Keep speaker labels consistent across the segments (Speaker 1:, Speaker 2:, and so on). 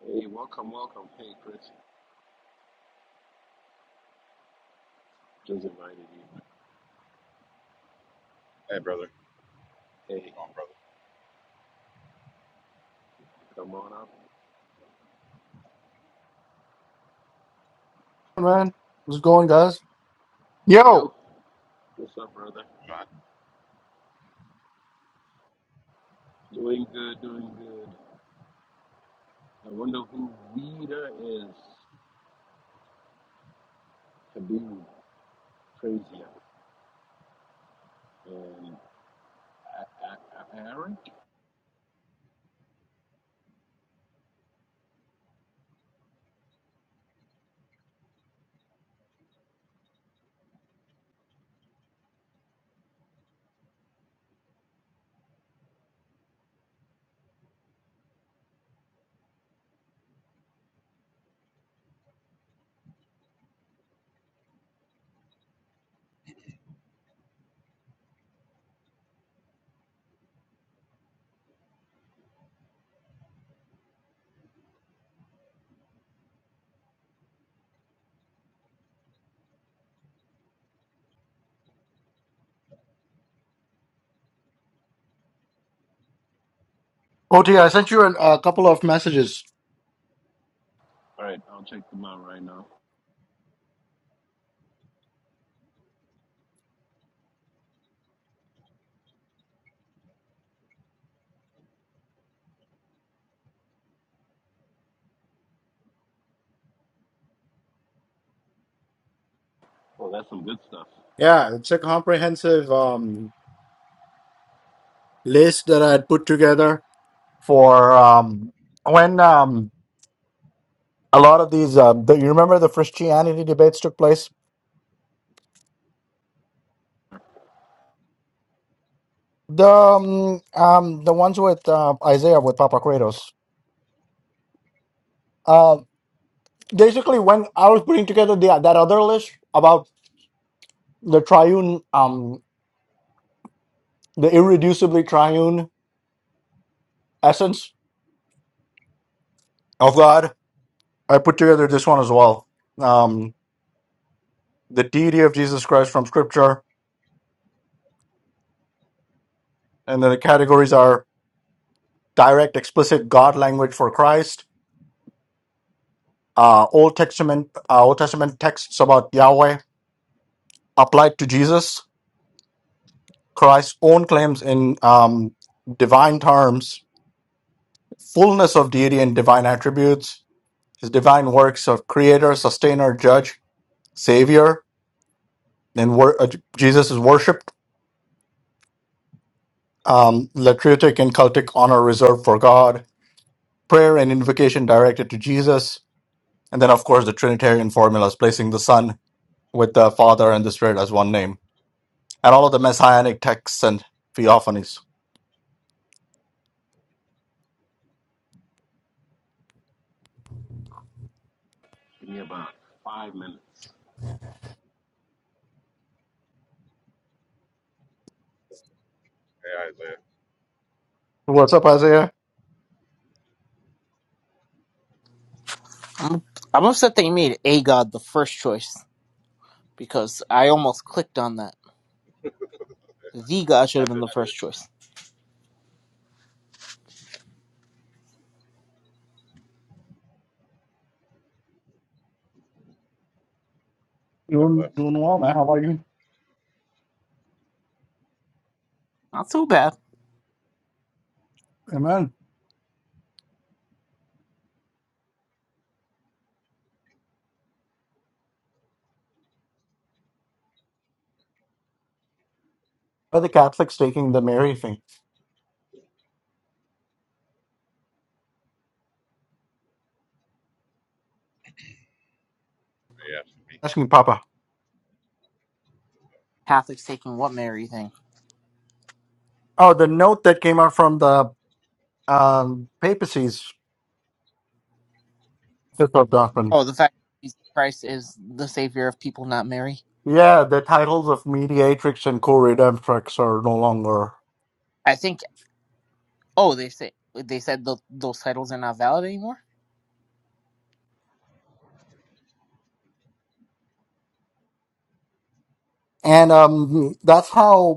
Speaker 1: Hey, welcome, welcome. Hey, Chris, just invited you.
Speaker 2: Hey, brother.
Speaker 1: Hey,
Speaker 2: Oh, brother.
Speaker 1: come on up.
Speaker 3: man. What's going, guys?
Speaker 1: Yo,
Speaker 3: Yo,
Speaker 1: what's up, brother? Doing good, doing good. I wonder who Rita is. Habib, crazy, and A- A- A- Eric.
Speaker 3: OT, I sent you an, a couple of messages.
Speaker 1: All right, I'll check them out right now. Oh, that's some good stuff.
Speaker 3: Yeah, it's a comprehensive um, list that I had put together for um, when um, a lot of these. Um, the, you remember the Christianity debates took place? The um, um, the ones with uh, Isaiah with Papa Kratos. Uh, basically, when I was putting together the, that other list about the triune, um, the irreducibly triune essence of God I put together this one as well. Um, the deity of Jesus Christ from Scripture, and then the categories are direct, explicit God language for Christ, uh, Old Testament, uh, Old Testament texts about Yahweh applied to Jesus, Christ's own claims in um, divine terms, fullness of deity and divine attributes, His divine works of Creator, Sustainer, Judge, Savior, then wor- uh, Jesus is worshipped, um, latritic and cultic honor reserved for God prayer and invocation directed to Jesus, and then of course the Trinitarian formulas placing the Son with the Father and the Spirit as one name, and all of the messianic texts and theophanies.
Speaker 1: Give me about five minutes.
Speaker 2: Hey, Isaiah.
Speaker 3: What's up, Isaiah?
Speaker 4: I'm upset they made a god the first choice because I almost clicked on that. The god should
Speaker 2: I
Speaker 4: have been the
Speaker 2: did too.
Speaker 4: first choice.
Speaker 2: God
Speaker 3: Doing
Speaker 2: bless.
Speaker 3: doing well, man. How are you?
Speaker 4: Not so bad.
Speaker 3: Amen. Are the Catholics taking the Mary thing?
Speaker 2: They asked me.
Speaker 3: Asking Papa.
Speaker 4: Catholics taking what Mary thing.
Speaker 3: Oh, the note that came out from the um, papacy's fifth of doctrine.
Speaker 4: Oh, the fact that Jesus Christ is the savior of people, not Mary.
Speaker 3: Yeah, the titles of mediatrix and co-redemptrix are no longer,
Speaker 4: I think. Oh, they say they said tho- those titles are not valid anymore.
Speaker 3: and um, that's how.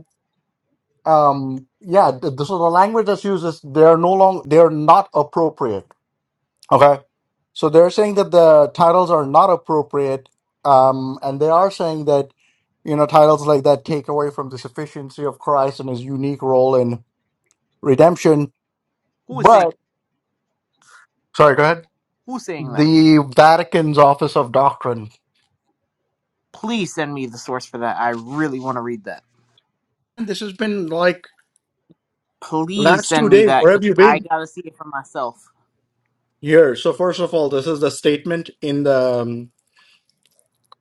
Speaker 3: um yeah th- th- so the language that's used is they're no long they're not appropriate okay so they're saying that the titles are not appropriate um and they are saying that you know titles like that take away from the sufficiency of christ and his unique role in redemption
Speaker 4: Who was saying?
Speaker 3: but sorry go ahead
Speaker 4: Who's saying that?
Speaker 3: the vatican's office of doctrine
Speaker 4: Please send me the source for that. I really want to read that.
Speaker 3: And this has been like
Speaker 4: Please
Speaker 3: last two
Speaker 4: send me
Speaker 3: days
Speaker 4: that
Speaker 3: where
Speaker 4: because
Speaker 3: have you
Speaker 4: I
Speaker 3: been
Speaker 4: gotta see it for myself.
Speaker 3: here so first of all this is the statement in the um,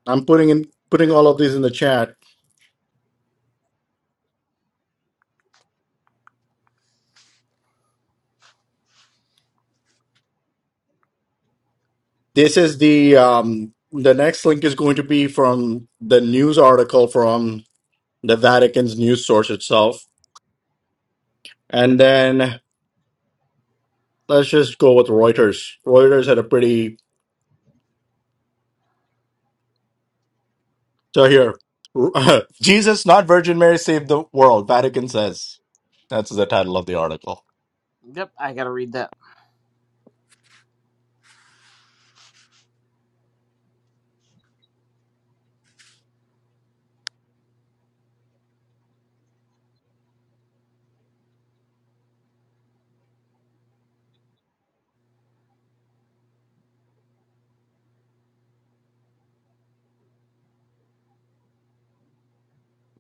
Speaker 3: i'm putting in putting all of these in the chat This is the um, the next link is going to be from the news article from the Vatican's news source itself, and then let's just go with Reuters. Reuters had a pretty so here, Jesus, not Virgin Mary, saved the world. Vatican says that's the title of the article.
Speaker 4: Yep, I gotta read that.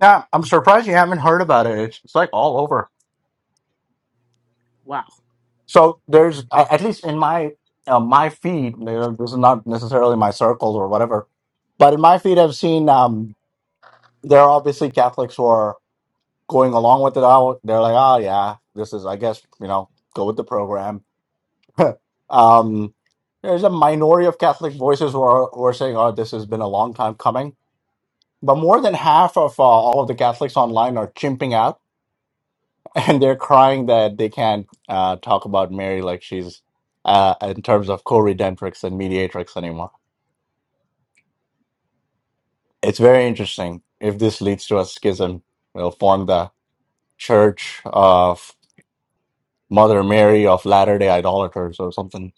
Speaker 3: Yeah, I'm surprised you haven't heard about it. It's, it's like all over.
Speaker 4: Wow.
Speaker 3: So there's a- at least in my uh, my feed. you know, This is not necessarily my circles or whatever, but in my feed, I've seen. Um, there are obviously Catholics who are going along with it all. They're like, oh yeah, this is, I guess, you know, go with the program. um, there's a minority of Catholic voices who are, who are saying, oh, this has been a long time coming. But more than half of uh, all of the Catholics online are chimping out, and they're crying that they can't uh, talk about Mary like she's uh, in terms of co-redemptrix and mediatrix anymore. It's very interesting. If this leads to a schism, it'll form the Church of Mother Mary of Latter day Idolaters or something.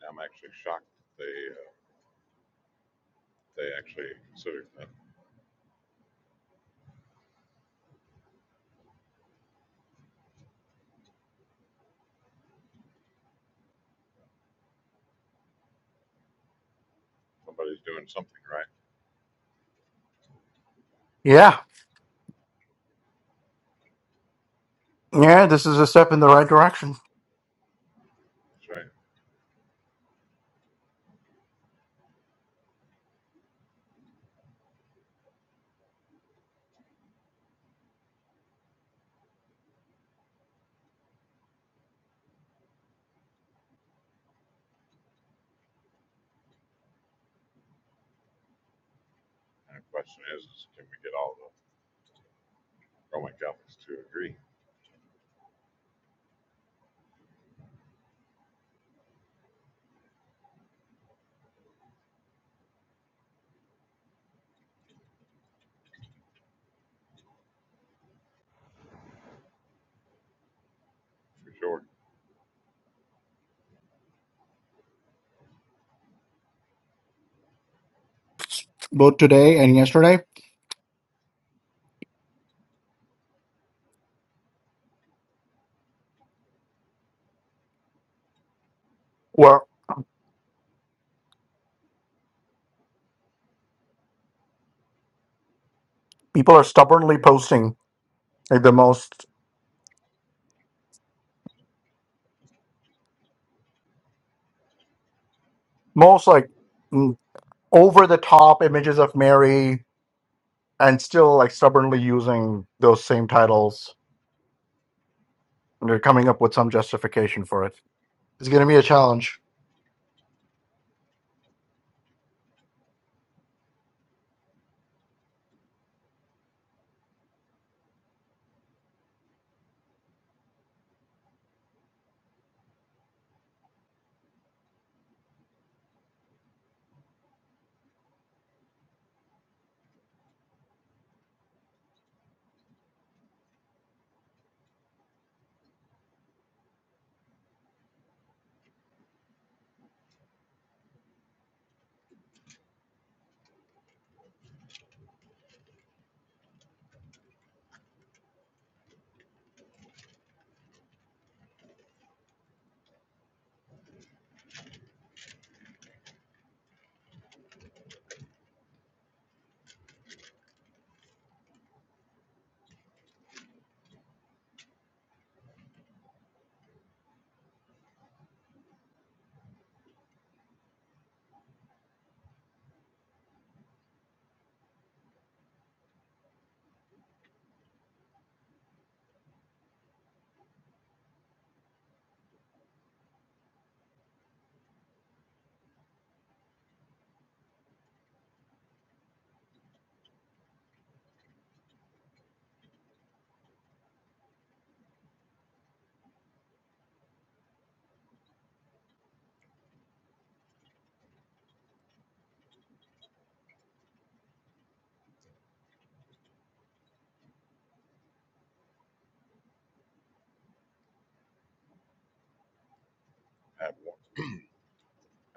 Speaker 2: I'm actually shocked that they uh, they actually consider that somebody's doing something right.
Speaker 3: Yeah. Yeah, this is a step in the right direction,
Speaker 2: That's right. And the question is, is can we get all the Roman Catholics to agree? For sure.
Speaker 3: both today and yesterday, where people are stubbornly posting like the most, most like over the top images of Mary and still like stubbornly using those same titles. And they're coming up with some justification for it. It's going to be a challenge.
Speaker 2: Had one,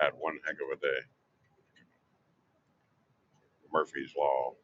Speaker 2: had one heck of a day. Murphy's Law.